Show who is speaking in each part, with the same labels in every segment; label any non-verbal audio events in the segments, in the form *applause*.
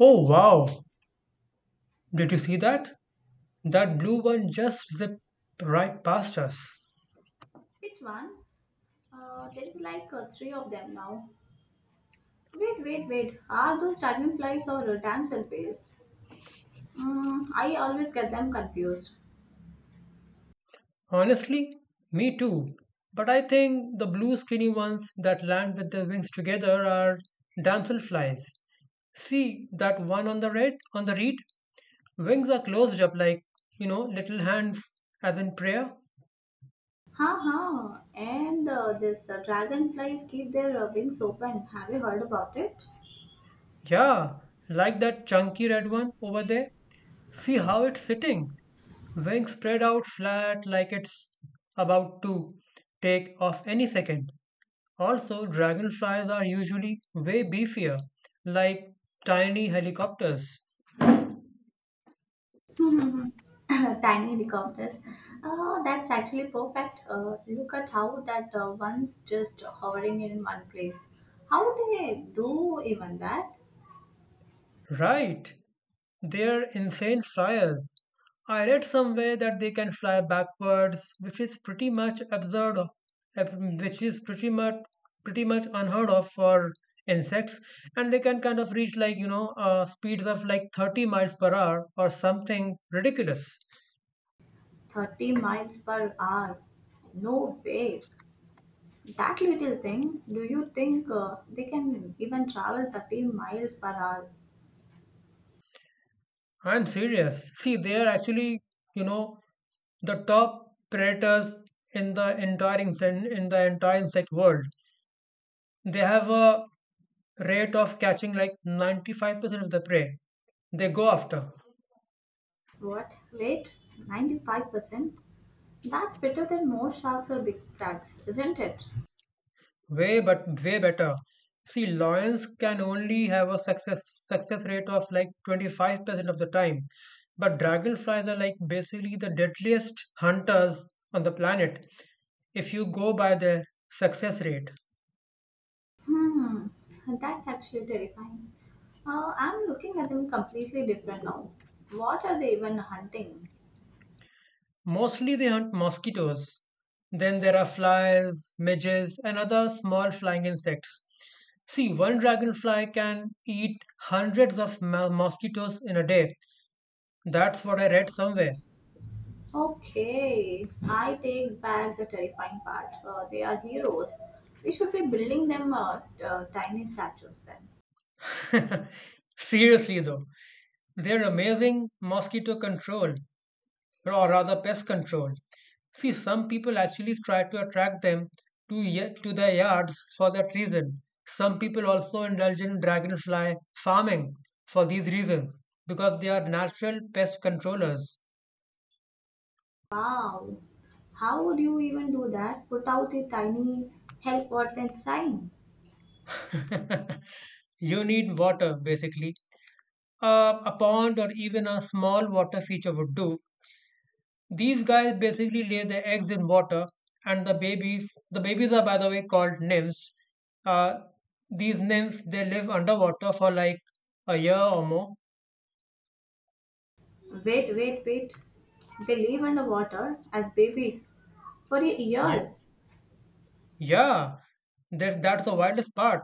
Speaker 1: Oh wow, did you see that? That blue one just zipped right past us.
Speaker 2: Which one? There is like three of them now. Wait, wait, wait. Are those dragonflies or damselflies? I always get them confused.
Speaker 1: Honestly, me too. But I think the blue skinny ones that land with their wings together are damselflies. See that one on the reed? Wings are closed up like, little hands as in prayer.
Speaker 2: Ha ha. And this dragonflies keep their wings open. Have you heard about it?
Speaker 1: Yeah, like that chunky red one over there. See how it's sitting. Wings spread out flat like it's about to take off any second. Also, dragonflies are usually way beefier, like tiny helicopters.
Speaker 2: *laughs* Tiny helicopters. That's actually perfect. Look at how that one's just hovering in one place. How they do even that?
Speaker 1: Right! They're insane flyers. I read somewhere that they can fly backwards, which is pretty much absurd, ab- which is pretty much pretty much unheard of for insects, and they can kind of reach like speeds of like 30 miles per hour or something ridiculous.
Speaker 2: 30 miles per hour. No way. That little thing, do you think they can even travel 30 miles per hour?
Speaker 1: I'm serious. See, they are actually you know the top predators in the entire insect world. They have a rate of catching like 95% of the prey they go after.
Speaker 2: What? Wait, 95%? That's better than most sharks or big cats, isn't it?
Speaker 1: Way but way better. See, lions can only have a success rate of like 25% of the time, but dragonflies are like basically the deadliest hunters on the planet if you go by their success rate.
Speaker 2: Hmm, that's actually terrifying. I'm looking at them completely different now. What are they even hunting?
Speaker 1: Mostly they hunt mosquitoes. Then there are flies, midges, and other small flying insects. See, one dragonfly can eat hundreds of mosquitoes in a day. That's what I read somewhere.
Speaker 2: Okay, I take back the terrifying part. They are heroes. We should be building them tiny statues then.
Speaker 1: Seriously, though, they're amazing mosquito control, or rather pest control. See, some people actually try to attract them to their yards for that reason. Some people also indulge in dragonfly farming for these reasons because they are natural pest controllers.
Speaker 2: Wow, how would you even do that? Put out a tiny help wanted sign.
Speaker 1: You need water basically. A pond or even a small water feature would do. These guys basically lay their eggs in water, and the babies are, by the way, called nymphs. Uh, these nymphs, they live underwater for like a year or more.
Speaker 2: Wait, wait, wait. They live underwater as babies for a
Speaker 1: Yeah.
Speaker 2: year.
Speaker 1: Yeah, that's the wildest part.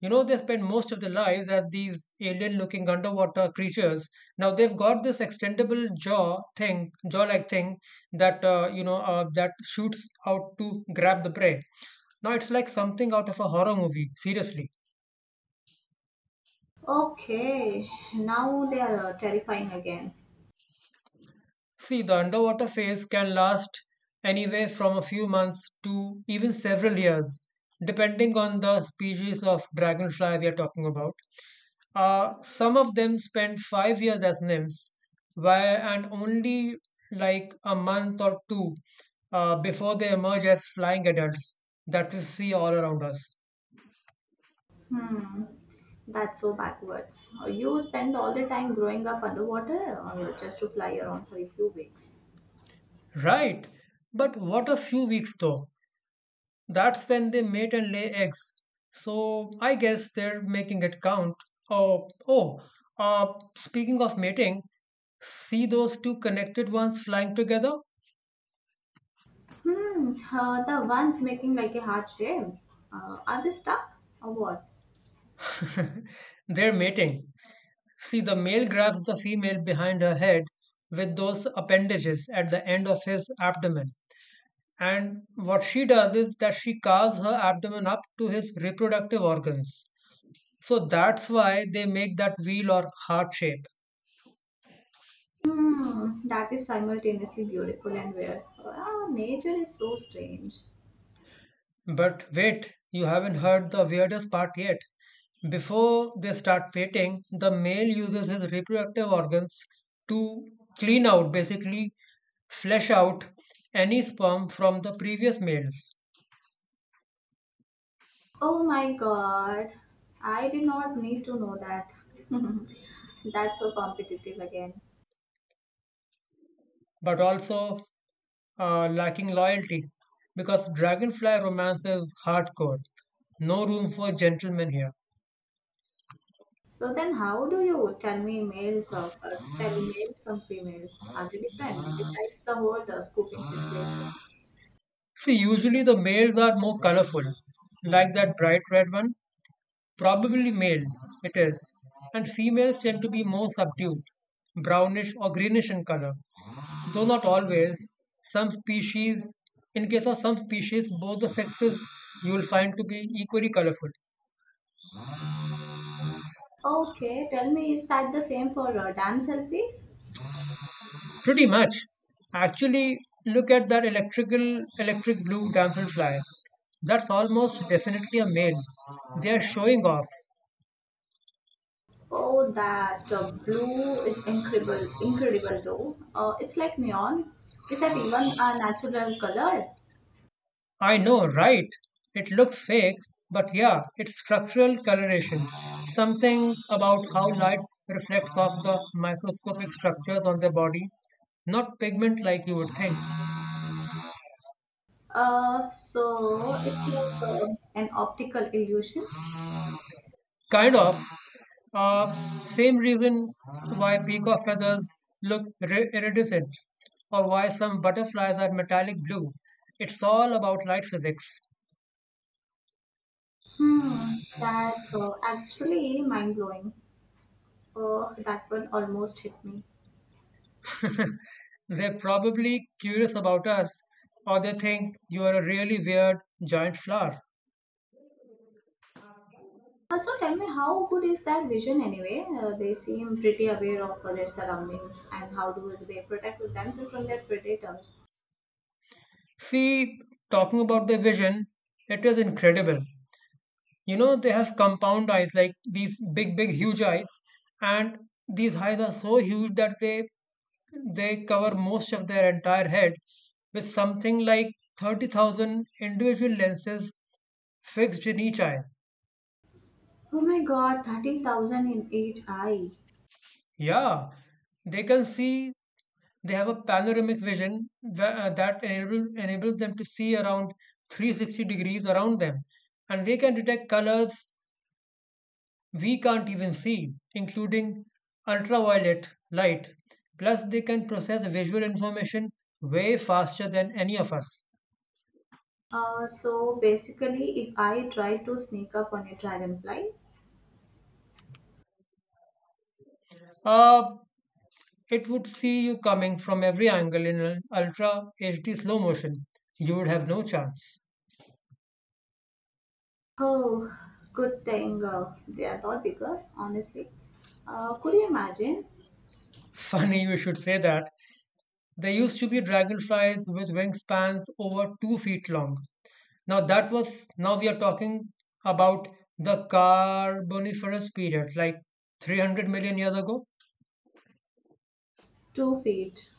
Speaker 1: You know, they spend most of their lives as these alien-looking underwater creatures. Now they've got this jaw-like thing that that shoots out to grab the prey. Now it's like something out of a horror movie. Seriously.
Speaker 2: Okay, now they are terrifying again.
Speaker 1: See, the underwater phase can last anywhere from a few months to even several years, depending on the species of dragonfly we are talking about. Some of them spend 5 years as nymphs, where and only like a month or two before they emerge as flying adults that we see all around us.
Speaker 2: That's so backwards. You spend all the time growing up underwater just to fly around for a few weeks.
Speaker 1: Right, but what a few weeks though. That's when they mate and lay eggs. So I guess they're making it count. Oh, oh. Speaking of mating, see those two connected ones flying together?
Speaker 2: The ones making like a heart shape. Are they stuck or what?
Speaker 1: They're mating. See, the male grabs the female behind her head with those appendages at the end of his abdomen. And what she does is that she carves her abdomen up to his reproductive organs. So that's why they make that wheel or heart shape.
Speaker 2: That is simultaneously beautiful and weird. Ah, nature is so strange.
Speaker 1: But wait, you haven't heard the weirdest part yet. Before they start mating, the male uses his reproductive organs to clean out, basically flesh out, any sperm from the previous males,
Speaker 2: Oh my god, I did not need to know that. *laughs* That's so competitive again.
Speaker 1: but also lacking loyalty, because dragonfly romance is hardcore. No room for gentlemen here.
Speaker 2: So then, how do you tell males from females? Are they different besides the whole scooping situation?
Speaker 1: See, usually the males are more colorful, like that bright red one. Probably male, it is, and females tend to be more subdued, brownish or greenish in color, though not always. Some species, in case of some species, both the sexes you will find to be equally colorful.
Speaker 2: Okay, tell me, is that the same for damn selfies?
Speaker 1: Pretty much. Actually, look at that electric blue damselfly. That's almost definitely a male. They are showing off.
Speaker 2: Oh, that blue is incredible, incredible though. It's like neon. Is that even a natural color?
Speaker 1: I know, right? It looks fake, but yeah, it's structural coloration. Something about how light reflects off the microscopic structures on their bodies, not pigment like you would think.
Speaker 2: So it's like an optical illusion.
Speaker 1: Kind of. Uh, Same reason why peacock feathers look iridescent, or why some butterflies are metallic blue. It's all about light physics.
Speaker 2: That's actually mind blowing. That one almost hit me.
Speaker 1: They're probably curious about us, or they think you are a really weird giant flower.
Speaker 2: So tell me, how good is that vision anyway? They seem pretty aware of their surroundings and how do they protect themselves from their predators?
Speaker 1: See, talking about their vision, it is incredible. You know, they have compound eyes, like these big, huge eyes, and these eyes are so huge that they cover most of their entire head with something like 30,000 individual lenses fixed in each eye.
Speaker 2: Oh my god, 13,000 in each eye.
Speaker 1: Yeah, they can see, they have a panoramic vision that enables them to see around 360 degrees around them. And they can detect colors we can't even see, including ultraviolet light. Plus, they can process visual information way faster than any of us.
Speaker 2: So basically, if I try to sneak up on a dragonfly.
Speaker 1: Uh, it would see you coming from every angle in an ultra HD slow motion. You would have no chance.
Speaker 2: Oh, good thing they are not bigger, honestly. Could you imagine?
Speaker 1: *laughs* Funny you should say that. There used to be dragonflies with wingspans over 2 feet long. Now that was Now we are talking about the Carboniferous period, like 300 million years ago.
Speaker 2: 2 feet.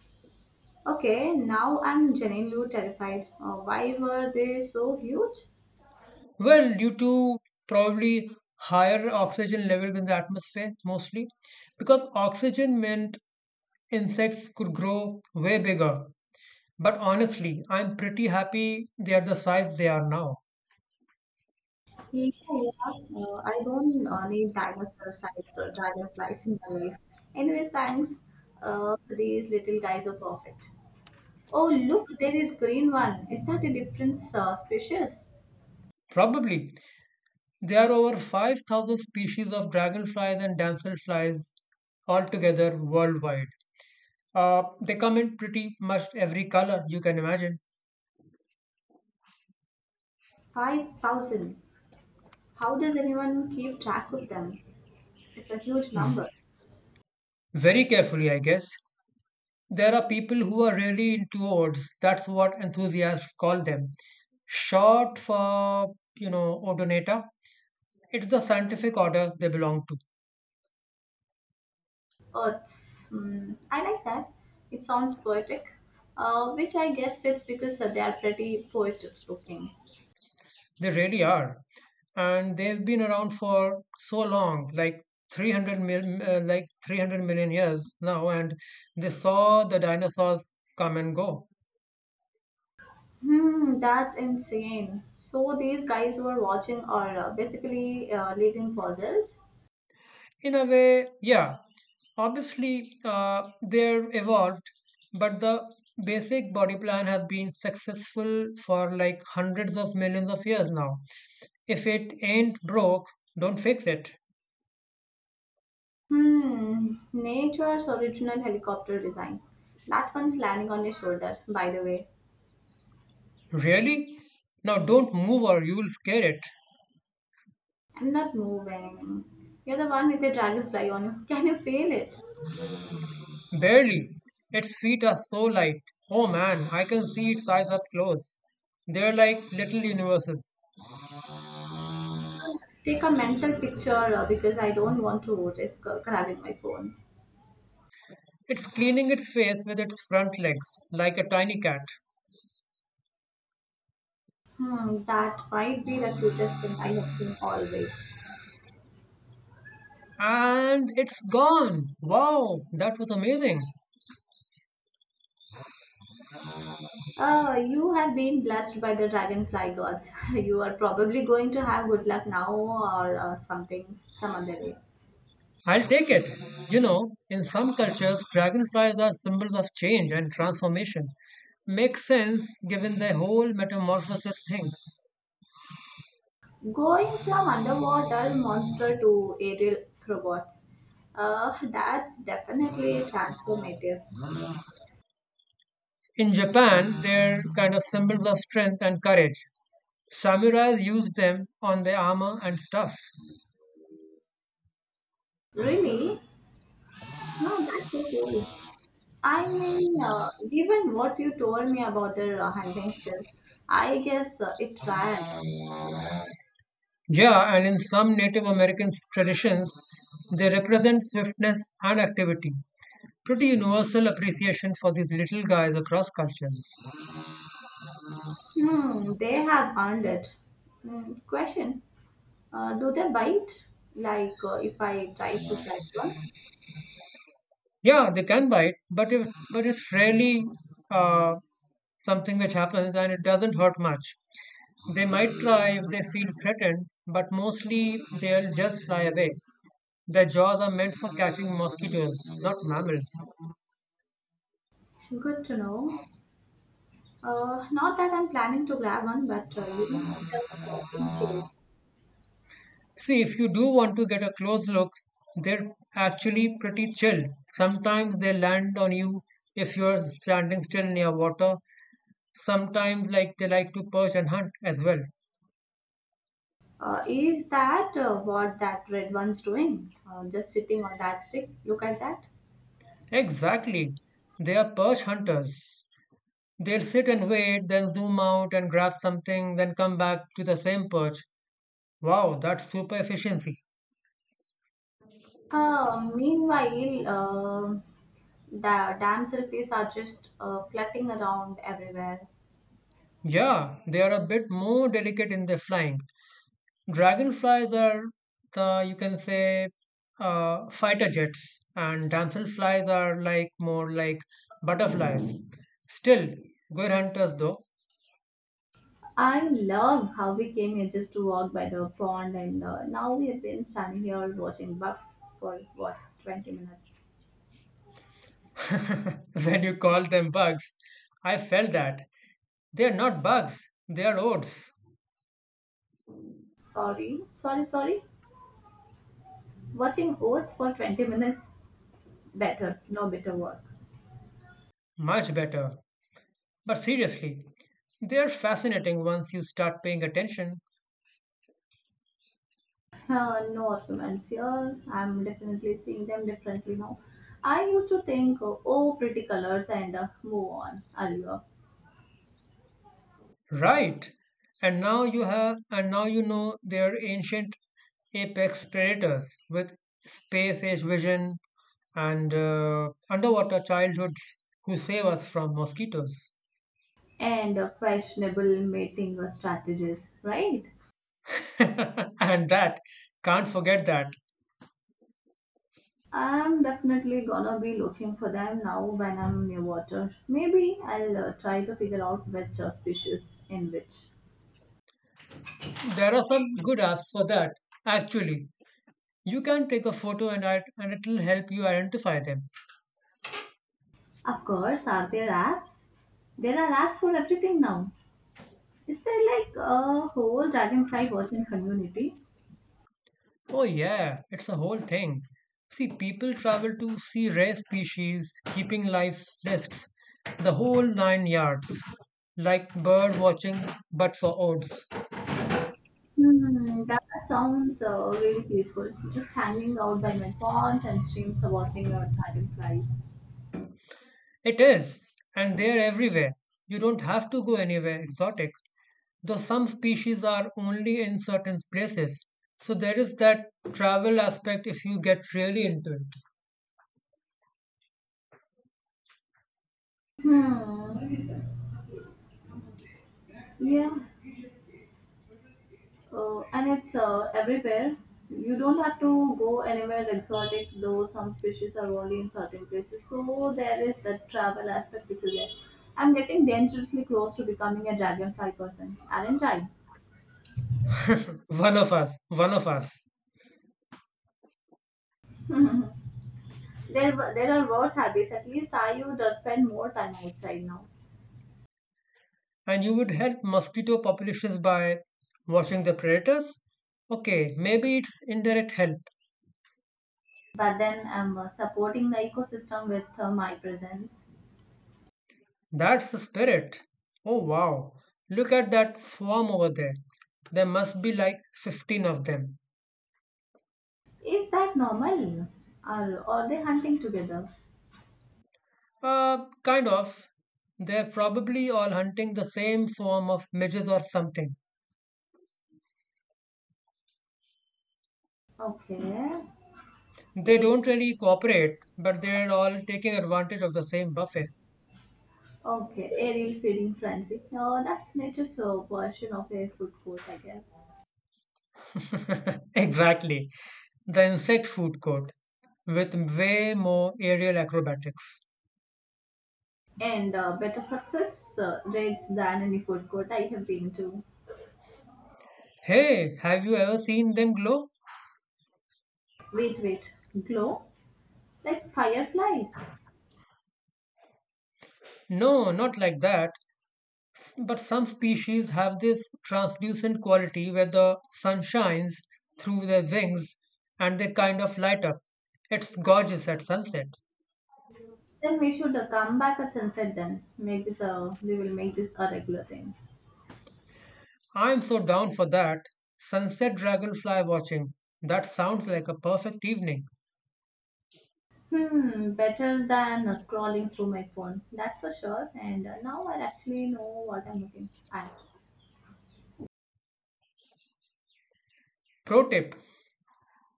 Speaker 2: Okay, now I'm genuinely terrified. Why were they so huge?
Speaker 1: Well, due to probably higher oxygen levels in the atmosphere mostly, because oxygen meant insects could grow way bigger. But honestly, I'm pretty happy they are the size they are now.
Speaker 2: Yeah, yeah. I don't need dinosaur-sized dragonflies in my life. Anyways, thanks. These little guys are perfect. Oh, look, there is green one. Is that a different species?
Speaker 1: Probably there are over 5,000 species of dragonflies and damselflies altogether worldwide. They come in pretty much every color you can imagine.
Speaker 2: 5,000. How does anyone keep track of them? It's a huge number.
Speaker 1: Very carefully, I guess. There are people who are really into odes. That's what enthusiasts call them. Short for, you know, Odonata. It's the scientific order they belong to.
Speaker 2: Earths. Hmm. I like that. It sounds poetic, which I guess fits because they are pretty poetic looking.
Speaker 1: They really are. And they've been around for so long, like 300 million years now, and they saw the dinosaurs come and go.
Speaker 2: That's insane. So these guys were watching or basically leading puzzles.
Speaker 1: In a way, yeah. Obviously, they're evolved, but the basic body plan has been successful for like hundreds of millions of years now. If it ain't broke, don't fix it.
Speaker 2: Nature's original helicopter design. That one's landing on your shoulder, by the way.
Speaker 1: Really? Now don't move or you will scare it.
Speaker 2: I'm not moving. You're the one with the dragonfly on you. *laughs* Can you feel it?
Speaker 1: Barely. Its feet are so light. Oh man, I can see its eyes up close. They're like little universes.
Speaker 2: Take a mental picture because I don't want to risk grabbing my phone.
Speaker 1: It's cleaning its face with its front legs, like a tiny cat.
Speaker 2: That might be the cutest thing I have seen all week.
Speaker 1: And it's gone. Wow, that was amazing.
Speaker 2: You have been blessed by the dragonfly gods. *laughs* You are probably going to have good luck now or something some other day.
Speaker 1: I'll take it. You know, in some cultures, dragonflies are symbols of change and transformation. Makes sense given the whole metamorphosis thing.
Speaker 2: Going from underwater monster to aerial robots. That's definitely transformative.
Speaker 1: In Japan, they're kind of symbols of strength and courage. Samurais used them on their armor and stuff.
Speaker 2: Really? No, that's so cool. I mean, given what you told me about their hunting skills, I guess it tracks.
Speaker 1: Yeah, and in some Native American traditions, they represent swiftness and activity. Pretty universal appreciation for these little guys across cultures.
Speaker 2: They have earned it. Question: do they bite? Like if I try to catch one?
Speaker 1: Yeah, they can bite, but if but it's rarely uh, something which happens, and it doesn't hurt much. They might try if they feel threatened, but mostly they'll just fly away. Their jaws are meant for catching mosquitoes, not mammals.
Speaker 2: Good to know. Not that I'm planning to grab one, but just in case.
Speaker 1: See, if you do want to get a close look, they're actually pretty chill. Sometimes they land on you if you're standing still near water. Sometimes, like, they like to perch and hunt as well.
Speaker 2: Is that what that red one's doing? Just sitting on that stick. Look at that.
Speaker 1: Exactly, they are perch hunters. They'll sit and wait, then zoom out and grab something, then come back to the same perch. Wow, that's super efficiency.
Speaker 2: Meanwhile, the damn selfies are just flirting around everywhere.
Speaker 1: Yeah, they are a bit more delicate in their flying. Dragonflies are, the, you can say, fighter jets, and damselflies are more like butterflies. Still, good hunters though.
Speaker 2: I love how we came here just to walk by the pond, and now we have been standing here watching bugs for what 20 minutes.
Speaker 1: *laughs* When you call them bugs, I felt that. They are not bugs, they are odes.
Speaker 2: Sorry, sorry, sorry. Watching oats for 20 minutes. Better, no better work.
Speaker 1: Much better. But seriously, they're fascinating once you start paying attention.
Speaker 2: No arguments here. I'm definitely seeing them differently now. I used to think, oh, pretty colors and move on, earlier.
Speaker 1: Right. And now you know they're ancient apex predators with space age vision and underwater childhoods who save us from mosquitoes.
Speaker 2: And questionable mating strategies, right?
Speaker 1: *laughs* And that, can't forget that.
Speaker 2: I'm definitely gonna be looking for them now when I'm near water. Maybe I'll try to figure out which species in which.
Speaker 1: There are some good apps for that. Actually, you can take a photo and it'll help you identify them.
Speaker 2: Of course, are there apps? There are apps for everything now. Is there like a whole dragonfly watching community?
Speaker 1: Oh, yeah, it's a whole thing. See, people travel to see rare species, keeping life lists, the whole nine yards, like bird watching but for oats.
Speaker 2: That sounds really peaceful. Just hanging out by my ponds and streams, watching dragonflies.
Speaker 1: It is, and they're everywhere. You don't have to go anywhere exotic, though some species are only in certain places. So there is that travel aspect if you get really into it.
Speaker 2: Hmm. Yeah, and it's everywhere. You don't have to go anywhere exotic, though some species are only in certain places. So there is the travel aspect if you get. I'm getting dangerously close to becoming a dragonfly person, aren't I?
Speaker 1: One of us, one of us.
Speaker 2: *laughs* There are worse habits. At least I would spend more time outside now.
Speaker 1: And you would help mosquito populations by watching the predators? Okay, maybe it's indirect help.
Speaker 2: But then I'm supporting the ecosystem with my presence.
Speaker 1: That's the spirit. Oh wow, look at that swarm over there. There must be like 15 of them.
Speaker 2: Is that normal? Are they hunting together?
Speaker 1: Kind of. They're probably all hunting the same swarm of midges or something.
Speaker 2: Okay.
Speaker 1: They don't really cooperate, but they're all taking advantage of the same buffet.
Speaker 2: Okay, aerial feeding frenzy. Now that's nature's version of a food court, I guess.
Speaker 1: *laughs* Exactly. The insect food court with way more aerial acrobatics.
Speaker 2: And better success rates than any food court I have been to.
Speaker 1: Hey, have you ever seen them glow?
Speaker 2: Wait, wait, glow like fireflies.
Speaker 1: No, not like that. But some species have this translucent quality where the sun shines through their wings and they kind of light up. It's gorgeous at sunset.
Speaker 2: Then we should come back at sunset. Then make this a we will make this a regular thing.
Speaker 1: I'm so down for that. Sunset dragonfly watching. That sounds like a perfect evening.
Speaker 2: Better than scrolling through my phone. That's for sure. And now I actually know what I'm looking at.
Speaker 1: Pro tip: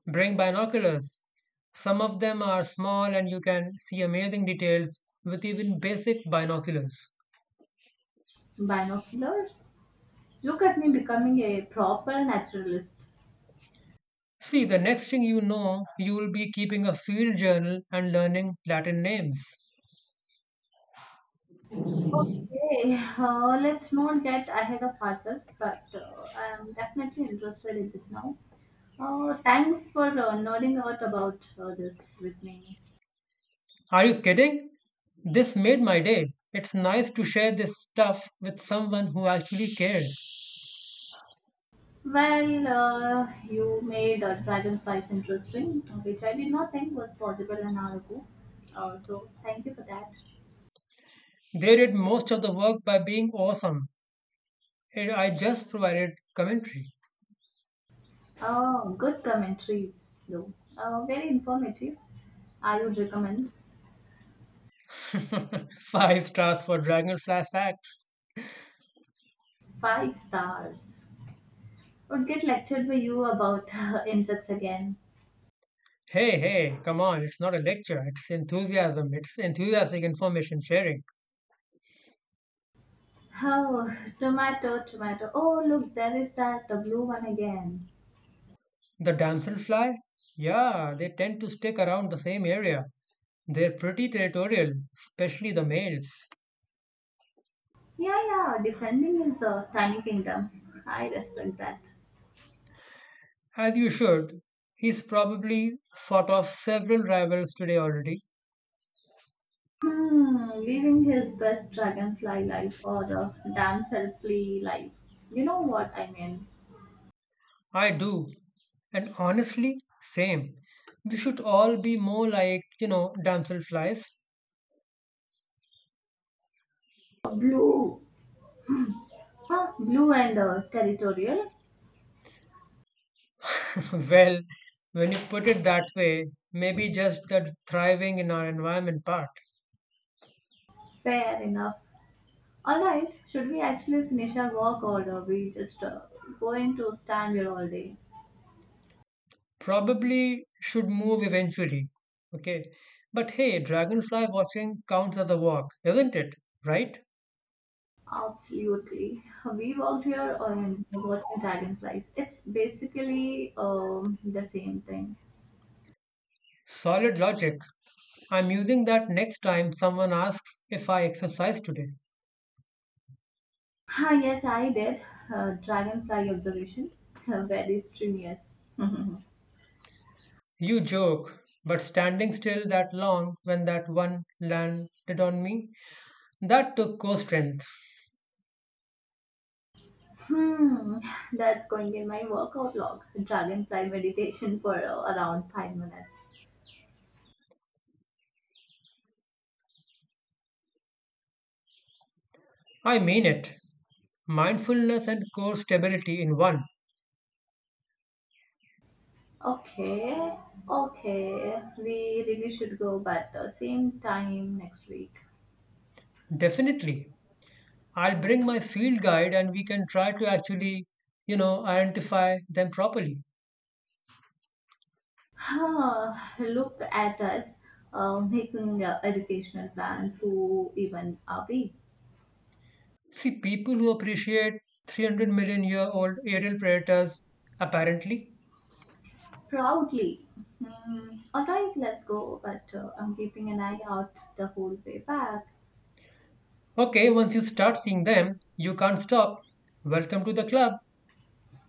Speaker 1: bring binoculars. Some of them are small and you can see amazing details with even basic binoculars.
Speaker 2: Binoculars. Look at me becoming a proper naturalist.
Speaker 1: See, the next thing you know, you will be keeping a field journal and learning Latin names.
Speaker 2: Okay, let's not get ahead of ourselves, but I'm definitely interested in this now. Thanks for nodding out about this with me.
Speaker 1: Are you kidding? This made my day. It's nice to share this stuff with someone who actually cares.
Speaker 2: Well, you made dragonflies interesting, which I did not think was possible an hour ago. So thank you for that.
Speaker 1: They did most of the work by being awesome, and I just provided commentary.
Speaker 2: Oh, good commentary, though. Very informative. I would recommend
Speaker 1: *laughs* Five stars for Dragonfly Facts.
Speaker 2: five stars. Would get lectured by you about *laughs* insects again.
Speaker 1: Hey, hey, come on, it's not a lecture, it's enthusiasm, it's enthusiastic information sharing.
Speaker 2: Oh, tomato, tomato. Oh, look, there is that the blue one again.
Speaker 1: The damselfly? Yeah, they tend to stick around the same area. They're pretty territorial, especially the males.
Speaker 2: Yeah, yeah, defending his tiny kingdom. I respect that.
Speaker 1: As you should. He's probably fought off several rivals today already.
Speaker 2: Living his best dragonfly life or the damselfly life. You know what I mean?
Speaker 1: I do. And honestly, same. We should all be more like, you know, damselflies.
Speaker 2: Blue, huh? Blue and territorial.
Speaker 1: *laughs* Well, when you put it that way, maybe just the thriving in our environment part.
Speaker 2: Fair enough. All right, should we actually finish our walk or are we just going to stand here all day?
Speaker 1: Probably should move eventually. Okay. But hey, dragonfly watching counts as a walk, isn't it? Right?
Speaker 2: Absolutely. We worked here on watching dragonflies. It's basically the same thing.
Speaker 1: Solid logic. I'm using that next time someone asks if I exercise today.
Speaker 2: Ah, yes, I did. Dragonfly observation. *laughs* Very strenuous.
Speaker 1: You joke, but standing still that long when that one landed on me, that took core strength.
Speaker 2: Hmm, that's going in my workout log. Dragonfly meditation for around 5 minutes.
Speaker 1: I mean it. Mindfulness and core stability in one.
Speaker 2: Okay, okay. We really should go, but same time next week.
Speaker 1: Definitely. I'll bring my field guide and we can try to actually, you know, identify them properly.
Speaker 2: Huh, look at us making educational plans. Who even are we?
Speaker 1: See, people who appreciate 300 million year old aerial predators, apparently.
Speaker 2: Proudly. Hmm. All right, let's go. But I'm keeping an eye out the whole way back.
Speaker 1: Okay, once you start seeing them, you can't stop. Welcome to the club.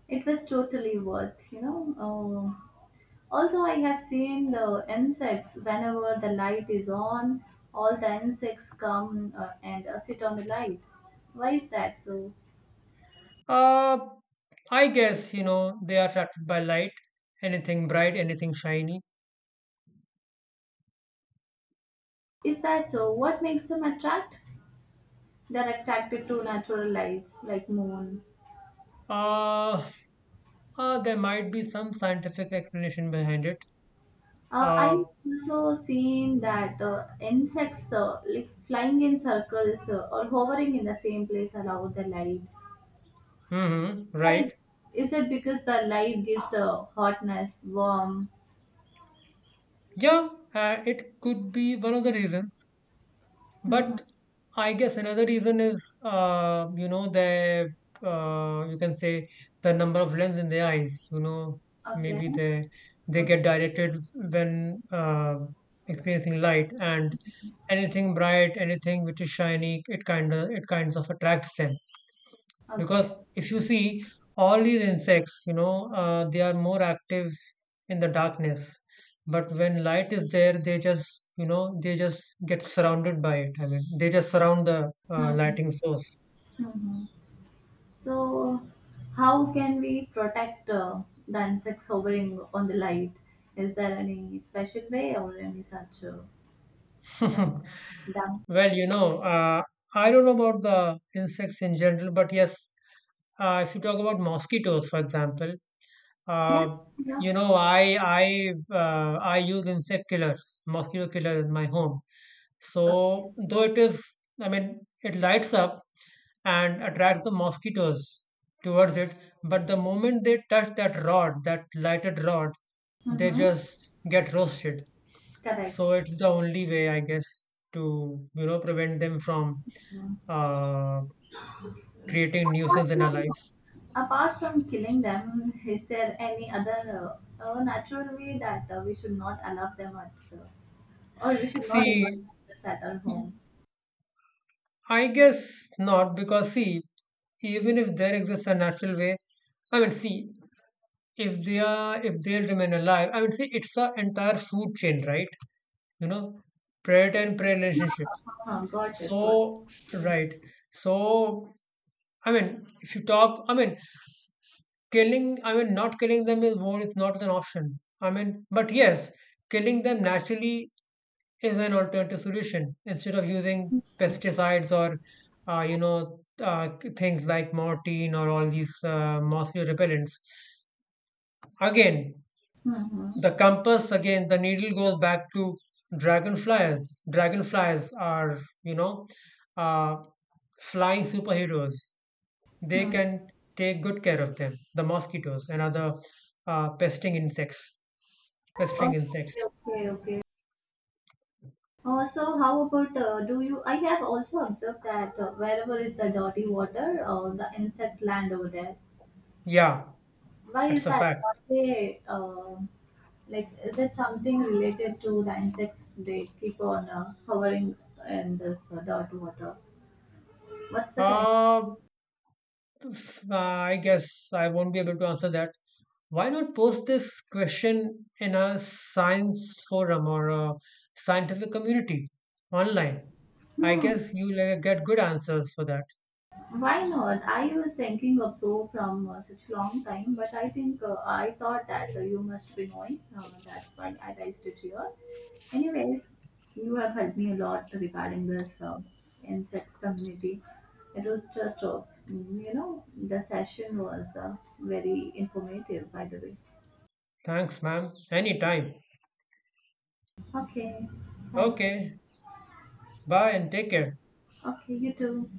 Speaker 2: It was totally worth. Uh, Also, I have seen the insects. Whenever the light is on, all the insects come and sit on the light. Why is that so?
Speaker 1: Uh, I guess, you know, they are attracted by light, anything bright, anything shiny.
Speaker 2: Is that so? What makes them attract? They're attracted to natural lights like moon.
Speaker 1: Uh, there might be some scientific explanation behind it.
Speaker 2: I
Speaker 1: Uh,
Speaker 2: also seen that insects like flying in circles or hovering in the same place around the light.
Speaker 1: mm-hmm,
Speaker 2: Why
Speaker 1: right.
Speaker 2: is it because the light gives the hotness, warm?
Speaker 1: Yeah, it could be one of the reasons,
Speaker 2: Hmm.
Speaker 1: but I guess another reason is, you know, the you can say the number of lens in their eyes. You know,
Speaker 2: Okay,
Speaker 1: maybe they get
Speaker 2: okay,
Speaker 1: directed when experiencing light, and anything bright, anything which is shiny, it kinds of attracts them
Speaker 2: okay.
Speaker 1: because if you see all these insects, you know, they are more active in the darkness, but when light is there they just, you know, they just get surrounded by it. I mean they just surround the lighting source.
Speaker 2: Mm-hmm. So, how can we protect the insects hovering on the light? Is there any special way or any such
Speaker 1: *laughs*
Speaker 2: that?
Speaker 1: Well, you know, uh, I don't know about the insects in general, but yes, if you talk about mosquitoes, for example, uh,
Speaker 2: Yeah, yeah.
Speaker 1: you know, I use insect killer, mosquito killer is my home. So
Speaker 2: Okay.
Speaker 1: though it is, I mean, it lights up and attracts the mosquitoes towards it, but the moment they touch that rod, that lighted rod, they
Speaker 2: Mm-hmm.
Speaker 1: just get roasted. So
Speaker 2: Correct.
Speaker 1: it's the only way, I guess, to, you know, prevent them from
Speaker 2: Mm.
Speaker 1: uh, creating nuisance
Speaker 2: Apart
Speaker 1: in our
Speaker 2: from
Speaker 1: lives.
Speaker 2: apart from killing them, is there any other natural way that we should not allow them at or we should not invite
Speaker 1: See,
Speaker 2: animals at our home?
Speaker 1: I guess not, because see, even if there exists a natural way, I mean, see, if they are if they'll remain alive, I mean, see, it's a entire food chain, right? You know, predator and prey relationship,
Speaker 2: Uh-huh, got it, got it.
Speaker 1: so right, so I mean, if you talk, I mean, killing, I mean, not killing them is more, is not an option, I mean, but yes, killing them naturally is an alternative solution instead of using pesticides or you know, things like morphine or all these mosquito repellents again.
Speaker 2: Mm-hmm.
Speaker 1: The compass again, the needle goes back to dragonflies. Dragonflies are, you know, uh, flying superheroes. They
Speaker 2: Mm.
Speaker 1: can take good care of them, the mosquitoes and other pesting insects. Pestering insects.
Speaker 2: Okay, okay, okay. So how about do you? I have also observed that wherever is the dirty water, the insects land over there.
Speaker 1: Yeah,
Speaker 2: Why
Speaker 1: that's
Speaker 2: is
Speaker 1: a
Speaker 2: that?
Speaker 1: fact.
Speaker 2: What they like? Is it something related to the insects they keep on hovering in this dirt water? What's the connection?
Speaker 1: Uh, I guess I won't be able to answer that. Why not post this question in a science forum or a scientific community online? I
Speaker 2: Hmm.
Speaker 1: guess you'll get good answers for that.
Speaker 2: Why not? I was thinking of so from such long time, but I think I thought that you must be knowing. That's why I raised it here. Anyways, you have helped me a lot regarding this insects community. It was just, the session was very informative, by the way.
Speaker 1: Thanks, ma'am. Anytime.
Speaker 2: Okay, thanks.
Speaker 1: Okay. Bye and take care.
Speaker 2: Okay, you too.